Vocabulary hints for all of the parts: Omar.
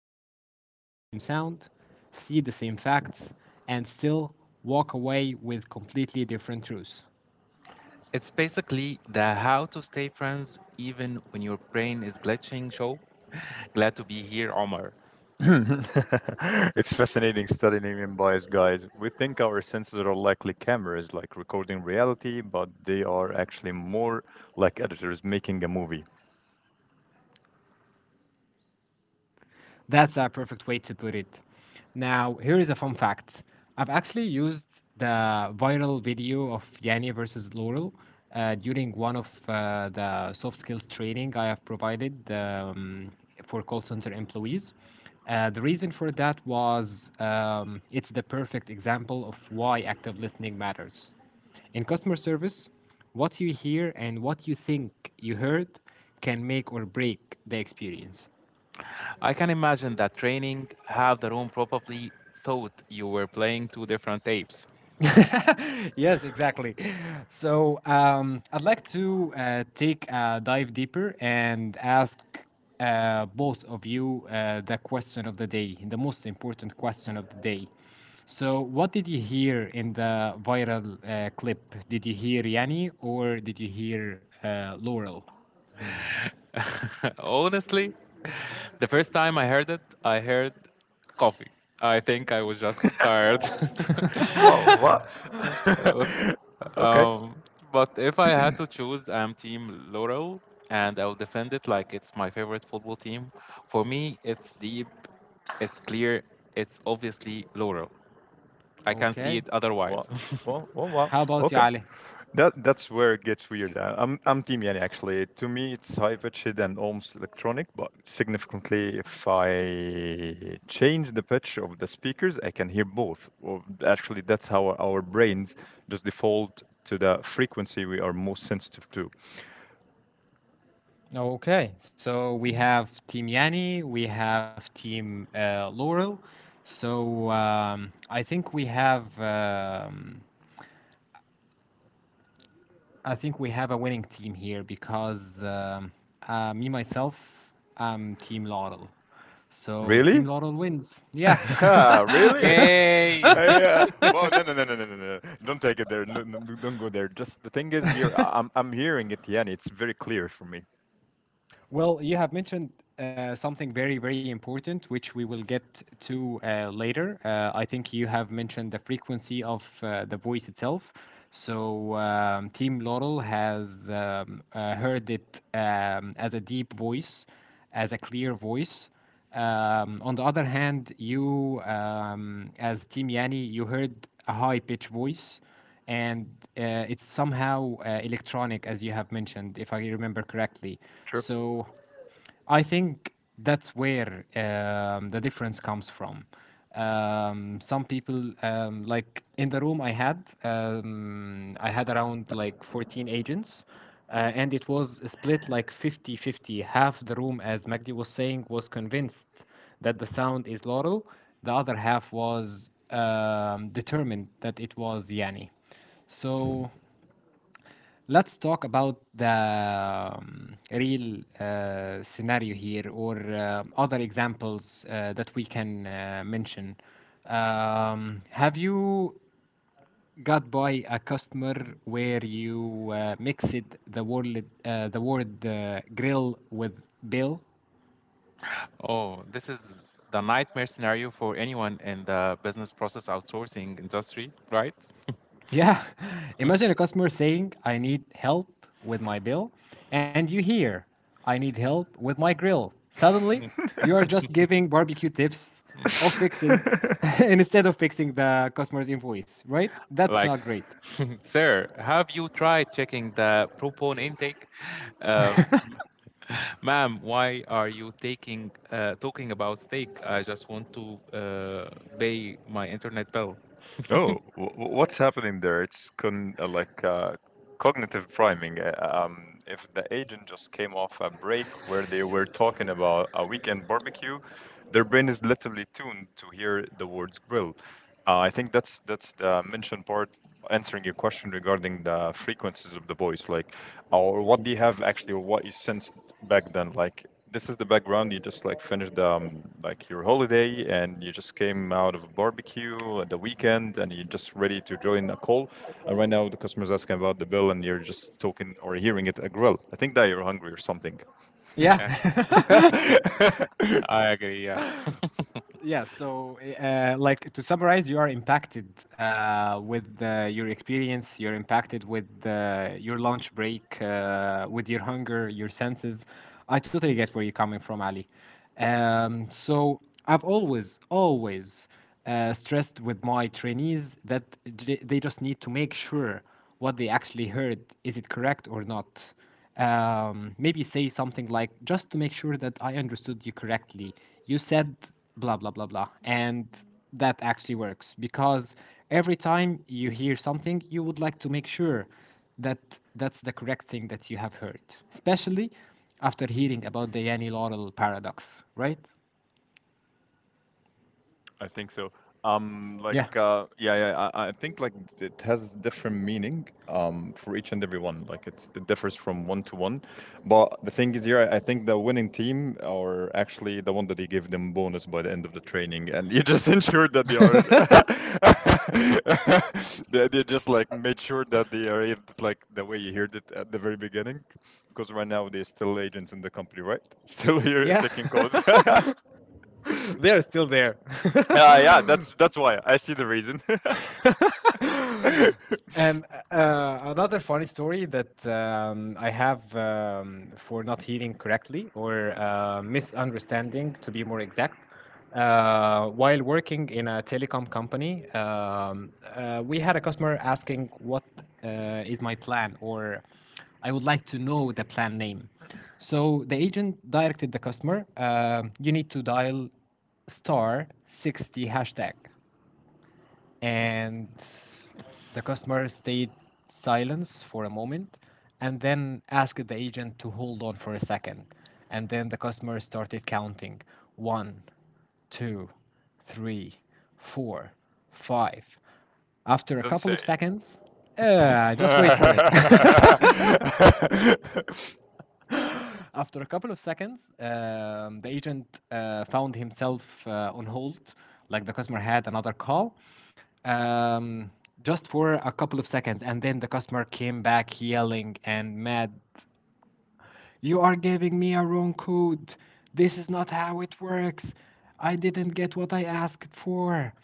people can hear the same sound, see the same facts, and still walk away with completely different truths. It's basically the how to stay friends even when your brain is glitching show. Glad to be here, Omar. It's fascinating studying human bias, guys. We think our senses are likely cameras, like recording reality, but they are actually more like editors making a movie. That's a perfect way to put it. Now, here is a fun fact. I've actually used the viral video of Yanni versus Laurel during one of the soft skills training I have provided, for call center employees. The reason for that was it's the perfect example of why active listening matters. In customer service, what you hear and what you think you heard can make or break the experience. I can imagine that training half the room probably thought you were playing two different tapes. Yes, exactly. So I'd like to take a dive deeper and ask both of you the question of the day, the most important question of the day. So, what did you hear in the viral clip? Did you hear Yanni or did you hear Laurel? Honestly, the first time I heard it, I heard coffee. I think I was just tired. Wow, what? Okay. Um, but if I had to choose, I'm Team Laurel, and I'll defend it like it's my favorite football team. For me, it's deep, it's clear, it's obviously Laurel. I can't see Okay. it Wow, otherwise. wow, wow, wow. How about you, Okay. Ali? That's where it gets weird. I'm Team Yanni, actually. To me, it's high pitched and almost electronic, but significantly, if I change the pitch of the speakers, I can hear both. Well, actually, that's how our brains just default to the frequency we are most sensitive to. Okay, so we have Team Yanni, we have Team Laurel. So I think we have, a winning team here because me myself, I'm Team Laurel. So Team Really? Laurel wins. Yeah. Really? Yay! I wow! No, no, no, no, no, no, no! Don't take it there. No, no, no, don't go there. Just the thing is, here I'm hearing it, Yanni. It's very clear for me. Well, you have mentioned something very, very important, which we will get to later. I think you have mentioned the frequency of the voice itself. So, Team Laurel has heard it, as a deep voice, as a clear voice. On the other hand, you, as Team Yani, you heard a high pitched voice and it's somehow electronic, as you have mentioned, if I remember correctly. True. So I think that's where the difference comes from. Some people, like in the room I had around like 14 agents, and it was split like fifty-fifty. Half the room, as Magdi was saying, was convinced that the sound is Laurel. The other half was determined that it was Yanni. So let's talk about the real scenario here or other examples that we can mention. Have you got by a customer where you mixed the word grill with bill? Oh, this is the nightmare scenario for anyone in the business process outsourcing industry, right? Yeah. Imagine a customer saying, I need help with my bill, and you hear, I need help with my grill. Suddenly, you are just giving barbecue tips of fixing instead of fixing the customer's invoice, right? That's Like, not great. sir, have you tried checking the propone intake? Um, ma'am, why are you taking talking about steak? I just want to pay my internet bill. Oh, what's happening there? It's con like cognitive priming. If the agent just came off a break where they were talking about a weekend barbecue, their brain is literally tuned to hear the words grill. I think that's the mention part answering your question regarding the frequencies of the voice, like, or what do you have actually, or what you sensed back then. Like, this is the background. You just like finished like your holiday, and you just came out of a barbecue at the weekend, and you're just ready to join a call. And right now, the customer's asking about the bill, and you're just talking or hearing it a grill. I think that you're hungry or something. Yeah. Yeah, I agree. Yeah, Yeah, so like to summarize, you are impacted with your experience. You're impacted with your lunch break, with your hunger, your senses. I totally get where you're coming from, Ali. So I've always, always stressed with my trainees that they just need to make sure what they actually heard is it correct or not. Maybe say something like just to make sure that I understood you correctly. You said blah blah blah blah, and that actually works because every time you hear something, you would like to make sure that that's the correct thing that you have heard, especially after hearing about the Yanni Laurel paradox, right? I think so. Yeah. Like, yeah, yeah. I think like it has different meaning for each and every one. Like, it differs from one to one. But the thing is, here I think the winning team are actually the one that they give them bonus by the end of the training, and you just ensured that they are. They just like made sure that they are able to, like, the way you heard it at the very beginning, because right now they're still agents in the company, right? Still here Yeah, taking calls. they're still there. Yeah, yeah, that's that's why I see the reason. And another funny story that I have, for not hearing correctly or misunderstanding, to be more exact. While working in a telecom company, we had a customer asking what is my plan, or I would like to know the plan name. So the agent directed the customer, you need to dial star 60 hashtag, and the customer stayed silence for a moment and then asked the agent to hold on for a second, and then the customer started counting 1, 2, 3, 4, 5 After a Don't couple of say seconds, it. just wait for it. After a couple of seconds, the agent found himself on hold, like the customer had another call, um, just for a couple of seconds. And then the customer came back yelling and mad. You are giving me a wrong code. This is not how it works. I didn't get what I asked for.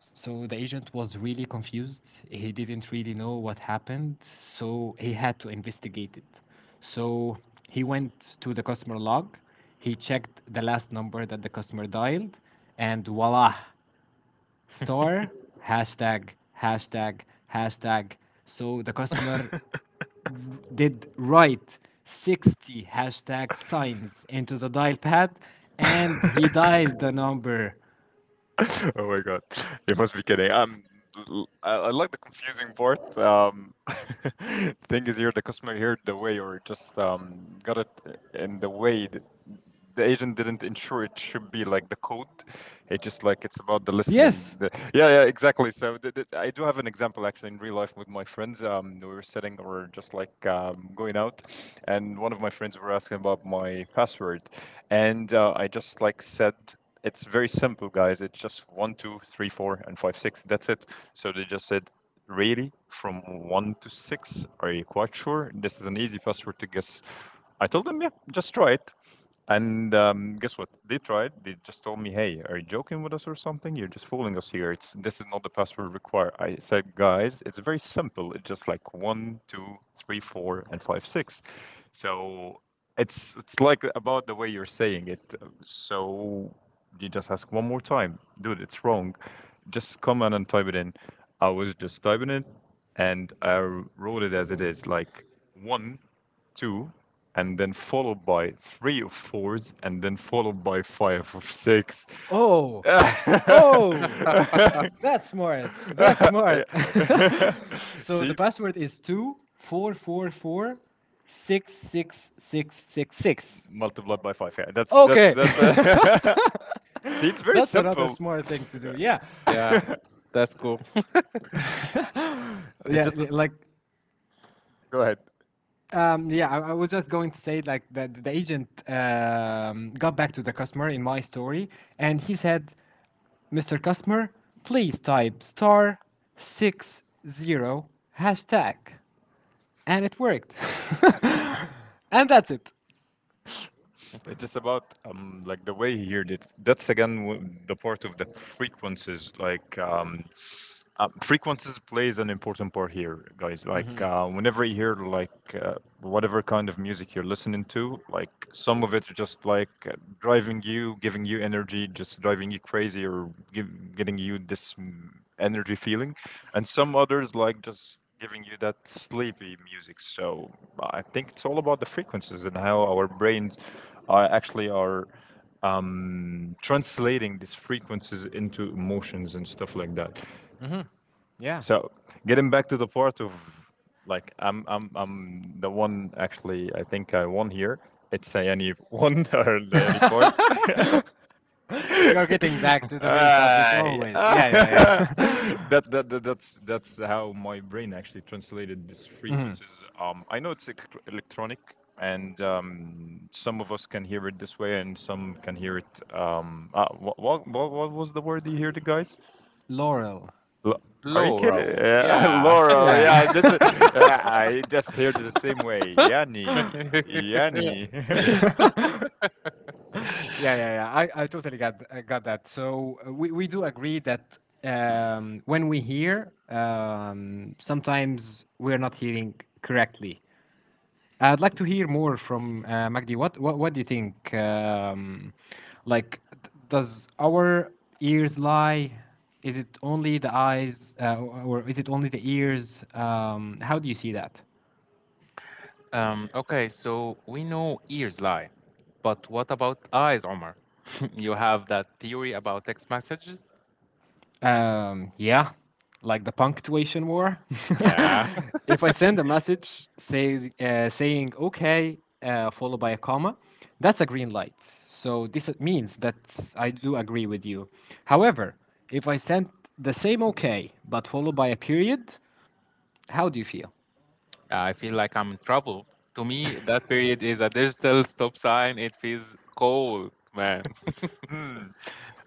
So the agent was really confused. He didn't really know what happened, so he had to investigate it. So he went to the customer log, he checked the last number that the customer dialed, and voila, star, hashtag, hashtag, hashtag. So the customer did write 60 hashtag signs into the dial pad and he dialed the number. Oh my God, you must be kidding. I like the confusing part. Thing is here, the customer heard the way, or just got it in the way that the agent didn't ensure it should be like the code. It just like it's about the listening. Yes. Yeah, yeah, exactly. So I do have an example actually in real life with my friends. We were sitting or just like going out, and one of my friends were asking about my password, and I just like said it's very simple, guys. It's just one, two, three, four, and five, six. That's it. So they just said, really, from one to six, are you quite sure? This is an easy password to guess. I told them, yeah, just try it. And guess what? They tried. They just told me, "Hey, are you joking with us or something? You're just fooling us here. It's this is not the password required." I said, "Guys, it's very simple. It's just like one, two, three, four, and five, six. So it's like about the way you're saying it. So you just ask one more time, dude. It's wrong. Just come on and type it in." I was just typing it, and I wrote it as it is, like 1 2, and then followed by three of fours, and then followed by five of six. Oh. Oh. That's smart. That's smart. So the See, password is 2 4 4 4 6 6 6 6 6. multiplied by five. Yeah, that's that's Okay, that's. See, it's very that's another simple. smart thing to do. Yeah, yeah, it that's cool. yeah, just like. Go ahead. Yeah, I was just going to say like that the agent got back to the customer in my story, and he said, "Mr. Customer, please type star 60 hashtag," and it worked. And that's it. It's just about like the way he heard it. That's again, the part of the frequencies, like Frequencies plays an important part here, guys. Like whenever you hear like uh, whatever kind of music you're listening to, like some of it are just like driving you, giving you energy, just driving you crazy, or getting you this energy feeling, and some others like just giving you that sleepy music. So I think it's all about the frequencies and how our brains are actually are translating these frequencies into emotions and stuff like that. Mhm. Yeah. So getting back to the part of, like, I'm the one, actually. I think I won here. It's a any one or the any part. You're getting back to the main subject Ay, always. ah. Yeah, yeah, yeah. That's how my brain actually translated these Mhm. frequencies. I know it's electronic, and some of us can hear it this way, and some can hear it. What was the word you heard, guys? Laurel. Lo- Are you kidding? Laurel. Yeah, Yeah. Laurel. Yeah. Yeah, this is. I just hear the same way. Yanni, Yanni. Yeah, yeah, yeah. I got that. So we do agree that when we hear, sometimes we're not hearing correctly. I'd like to hear more from Magdi. What do you think? Does our ears lie? Is it only the eyes, or is it only the ears? How do you see that? um. Okay. So we know ears lie, but what about eyes, Omar? You have that theory about text messages? Yeah, like the punctuation war. Yeah. If I send a message saying okay, followed by a comma, that's a green light. So this means that I do agree with you. However, if I send the same okay, but followed by a period, how do you feel? I feel like I'm in trouble. To me, that period is a digital stop sign. It feels cold, man. Hmm.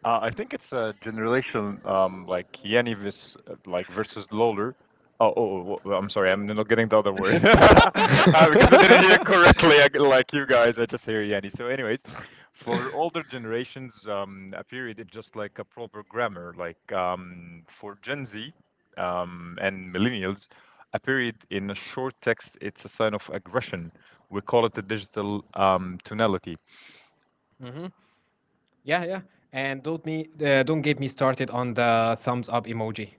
I think it's a generation like Yanni vis, like versus Lawler. Oh, oh, oh, I'm sorry, I'm not getting the other word because I didn't hear correctly. Like you guys, I just hear Yanni. So, anyways, for older generations, a period is just like a proper grammar. Like for Gen Z and millennials, a period in a short text, it's a sign of aggression. We call it the digital tonality. Hmm. Yeah, yeah. And don't get me started on the thumbs up emoji.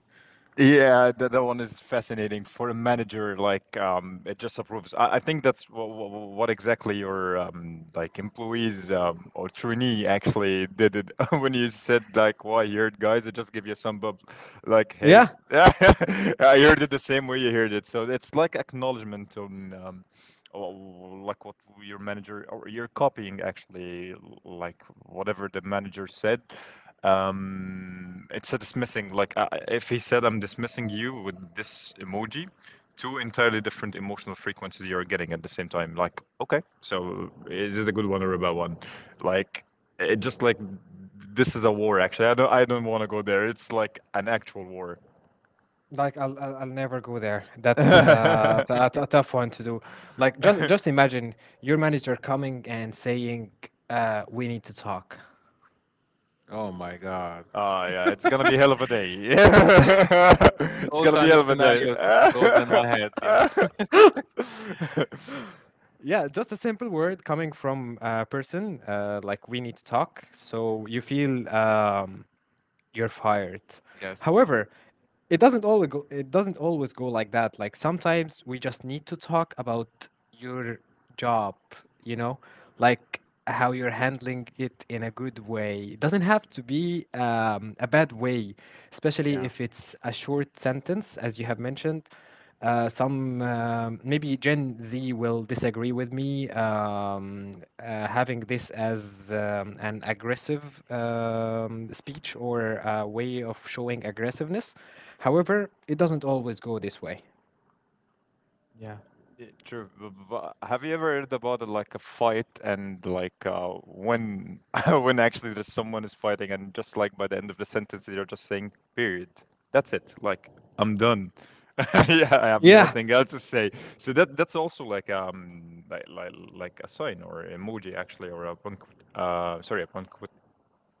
Yeah, that one is fascinating for a manager. Like, it just approves. I think that's what exactly your like employees or trainee actually did it when you said like, "Well, I heard, guys, I just give you some bub, like, hey." Yeah, I heard it the same way you heard it, so it's like acknowledgement on like what your manager or you're copying actually, like whatever the manager said. It's a dismissing. Like if he said, "I'm dismissing you," with this emoji, two entirely different emotional frequencies you're getting at the same time. Like, okay, so is it a good one or a bad one? Like, it just like this is a war. Actually, I don't. I don't want to go there. It's like an actual war. like I'll never go there. That's uh, t- a, t- a tough one to do. Like just imagine your manager coming and saying, "We need to talk." Oh my God. Ah, yeah, it's gonna be hell of a day. It's All gonna be kind hell of of a day. scenarios goes in my head. Yeah. Yeah, just a simple word coming from a person. Like we need to talk. So you feel you're fired. Yes. However, it doesn't always go like that. Like sometimes we just need to talk about your job, you know, like how you're handling it in a good way. It doesn't have to be a bad way, especially Yeah. if it's a short sentence, as you have mentioned. Some Maybe Gen Z will disagree with me having this as an aggressive speech or a way of showing aggressiveness. However, it doesn't always go this way. Yeah. Yeah, true. But have you ever heard about like a fight, and like when when actually there's someone is fighting, and just like by the end of the sentence they're just saying period. That's it. Like, I'm done. Yeah, I have Yeah. nothing else to say. So that that's also like a sign or emoji, actually, or a punct, sorry, a punct,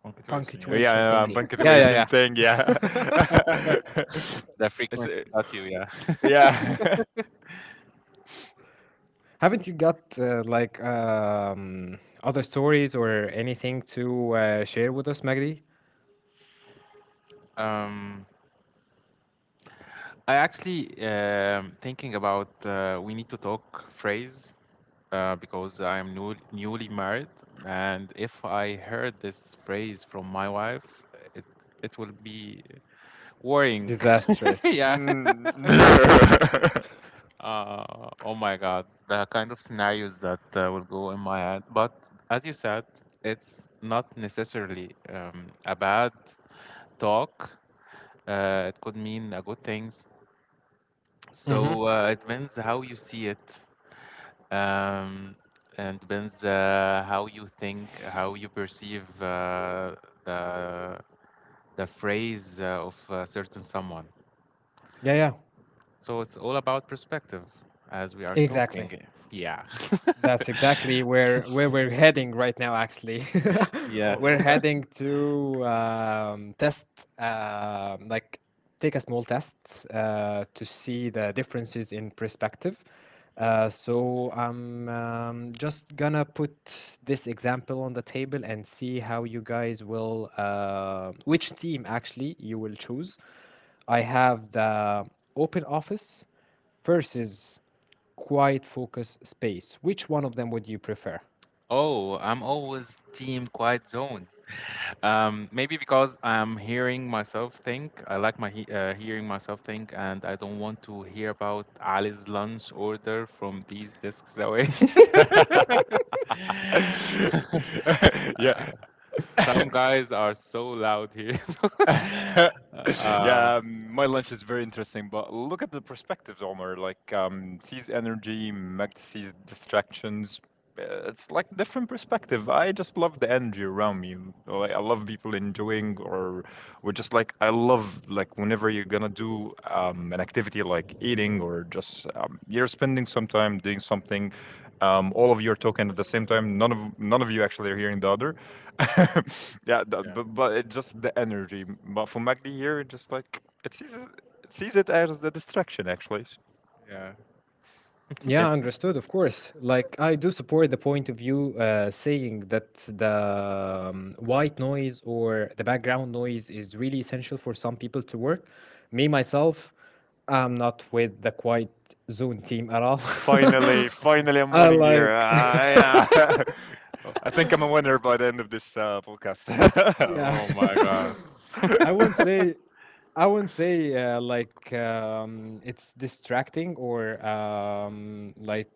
Punctuation. Yeah. Punctuation yeah. Thingy. Yeah, punctuation yeah, thing, yeah. yeah. The It's frequency at you. Yeah. yeah. Haven't you got other stories or anything to share with us, Magdi? Um, I actually thinking about we need to talk phrase because I'm newly married, and if I heard this phrase from my wife, it it will be worrying. Yeah. Disastrous. Mm. Oh my God, the kind of scenarios that will go in my head. But as you said, it's not necessarily a bad talk. It could mean a good things. Mm-hmm. So it depends how you see it, um, and depends how you think, how you perceive the the phrase of a certain someone. Yeah, yeah, So it's all about perspective, as we are exactly. talking. Yeah. That's exactly where we're heading right now, actually. Yeah. Oh, We're okay. heading to test, like take a small test to see the differences in perspective. So I'm just gonna put this example on the table and see how you guys will, which team actually you will choose. I have the open office versus quiet focus space. Which one of them would you prefer? Oh, I'm always team quiet zone. Maybe because I'm hearing myself think. I like my he hearing myself think, and I don't want to hear about Ali's lunch order from these desks away. Yeah. Uh, some guys are so loud here. Uh, Yeah, my lunch is very interesting, but look at the perspectives, Omar. Like, sees energy, Meg sees distractions. It's like different perspective. I just love the energy around me. Like, I love people enjoying, or we're just like, I love, like, whenever you're gonna do an activity like eating, or just you're spending some time doing something all of you are talking at the same time, none of you actually are hearing the other. Yeah, that, yeah, but it just the energy. But for Magdi here, it just like it sees it as a distraction, actually. yeah. Yeah, Yeah, understood. Of course, like I do support the point of view saying that the white noise or the background noise is really essential for some people to work. Me myself, I'm not with the quiet zone team at all. finally, finally, I'm I winning here. like. Ah, yeah. Oh, I think I'm a winner by the end of this podcast. Yeah. oh my God. I wouldn't say I wouldn't say it's distracting or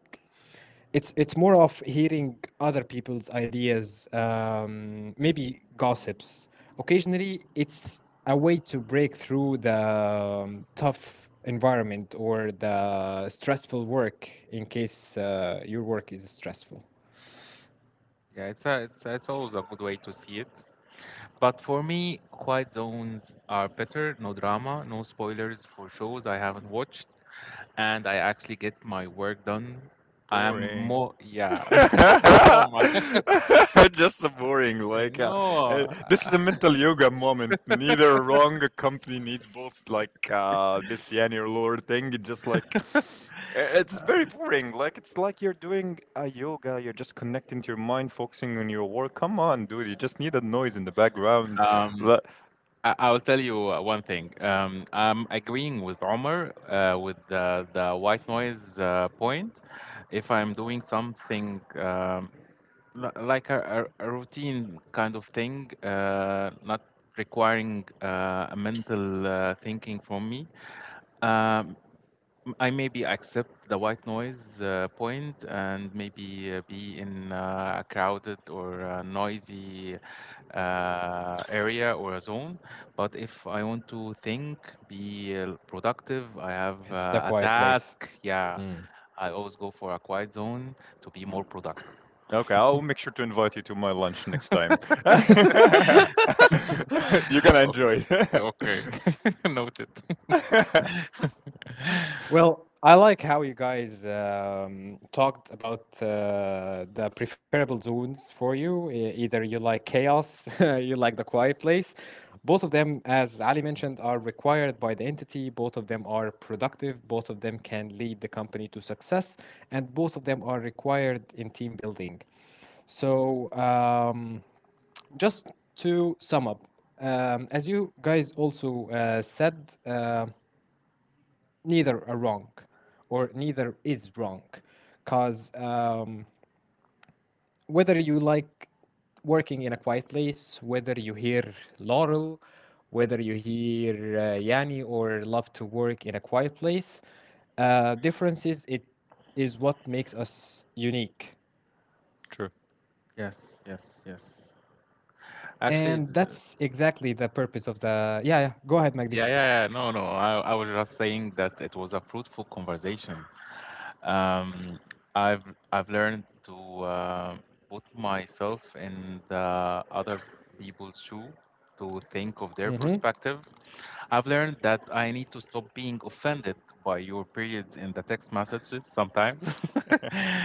it's more of hearing other people's ideas, maybe gossips. Occasionally, it's a way to break through the tough environment or the stressful work in case your work is stressful. Yeah, it's it's always a good way to see it. But for me, quiet zones are better. No drama, no spoilers for shows I haven't watched, and I actually get my work done. I am Boring. more, yeah. Oh my, Just the boring, like, no. This is a mental yoga moment. Neither wrong, company needs both, like this yin or lower thing. It just like it's very boring. Like, it's like you're doing a yoga. You're just connecting to your mind, focusing on your work. Come on, dude. You just need a noise in the background. Um, Le- I, I'll tell you one thing. I'm agreeing with Omar with the white noise point. If I'm doing something like a routine kind of thing, not requiring a mental thinking from me. Um, I maybe accept the white noise point and maybe be in a crowded or a noisy area or a zone. But if I want to think, be productive, I have It's the a quiet place. task. Yeah, Mm. I always go for a quiet zone to be more productive. Okay, I'll make sure to invite you to my lunch next time. You're gonna enjoy. Okay, okay. Noted. Well, I like how you guys talked about the preferable zones for you. Either you like chaos, you like the quiet place. Both of them, as Ali mentioned, are required by the entity. Both of them are productive. Both of them can lead the company to success. And both of them are required in team building. So, just to sum up, as you guys also said, neither are wrong neither is wrong, because whether you like working in a quiet place, whether you hear Laurel, whether you hear Yanni, or love to work in a quiet place, differences, it is what makes us unique. True. Yes, yes, yes. Actually, And it's that's exactly the purpose of the— Yeah, yeah, go ahead, Yeah, Magdi. yeah, yeah. No, no. I was just saying that it was a fruitful conversation. Um, I've I've learned to uh, put myself in the other people's shoe to think of their Mm-hmm. perspective. I've learned that I need to stop being offended by your periods in the text messages sometimes.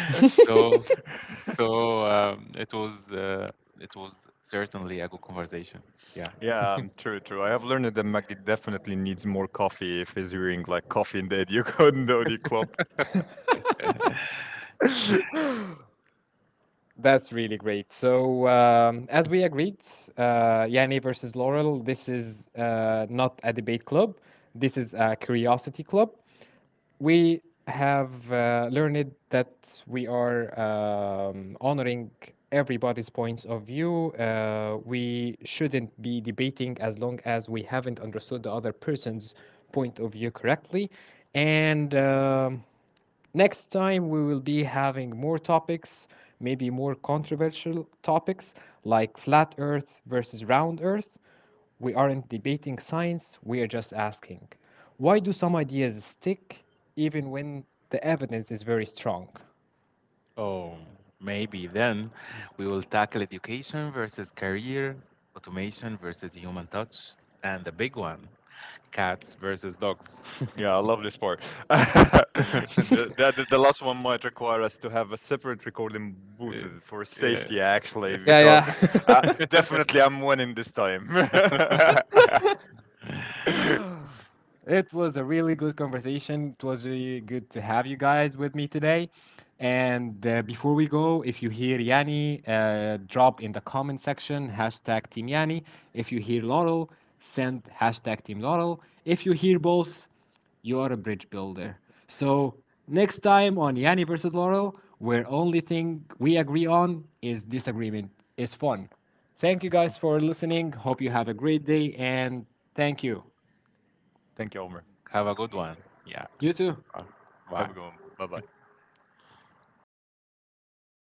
So, so it was certainly a good conversation. Yeah. Yeah, true, true. I have learned that Maggie definitely needs more coffee if he's hearing like coffee in the Educondo club. That's really great. So, as we agreed, Yanni versus Laurel, this is not a debate club. This is a curiosity club. We have learned that we are honoring everybody's points of view. We shouldn't be debating as long as we haven't understood the other person's point of view correctly. And next time, we will be having more topics, maybe more controversial topics like flat earth versus round earth. We aren't debating science, we are just asking, why do some ideas stick even when the evidence is very strong? Oh, maybe then we will tackle education versus career, automation versus human touch, and the big one, cats versus dogs. Yeah, I love this part. the, the last one might require us to have a separate recording booth Uh, for yeah. safety, actually, Yeah, because yeah. Definitely I'm winning this time. It was a really good conversation. It was really good to have you guys with me today. And before we go, if you hear Yanni, drop in the comment section hashtag Team Yanni. If you hear Laurel, send hashtag Team Laurel. If you hear both, you are a bridge builder. So next time on Yanni versus Laurel, where only thing we agree on is disagreement is fun. Thank you guys for listening. Hope you have a great day and thank you. Thank you, Omer. Have a good one. Yeah. You too. Have a good Bye. one. Bye bye.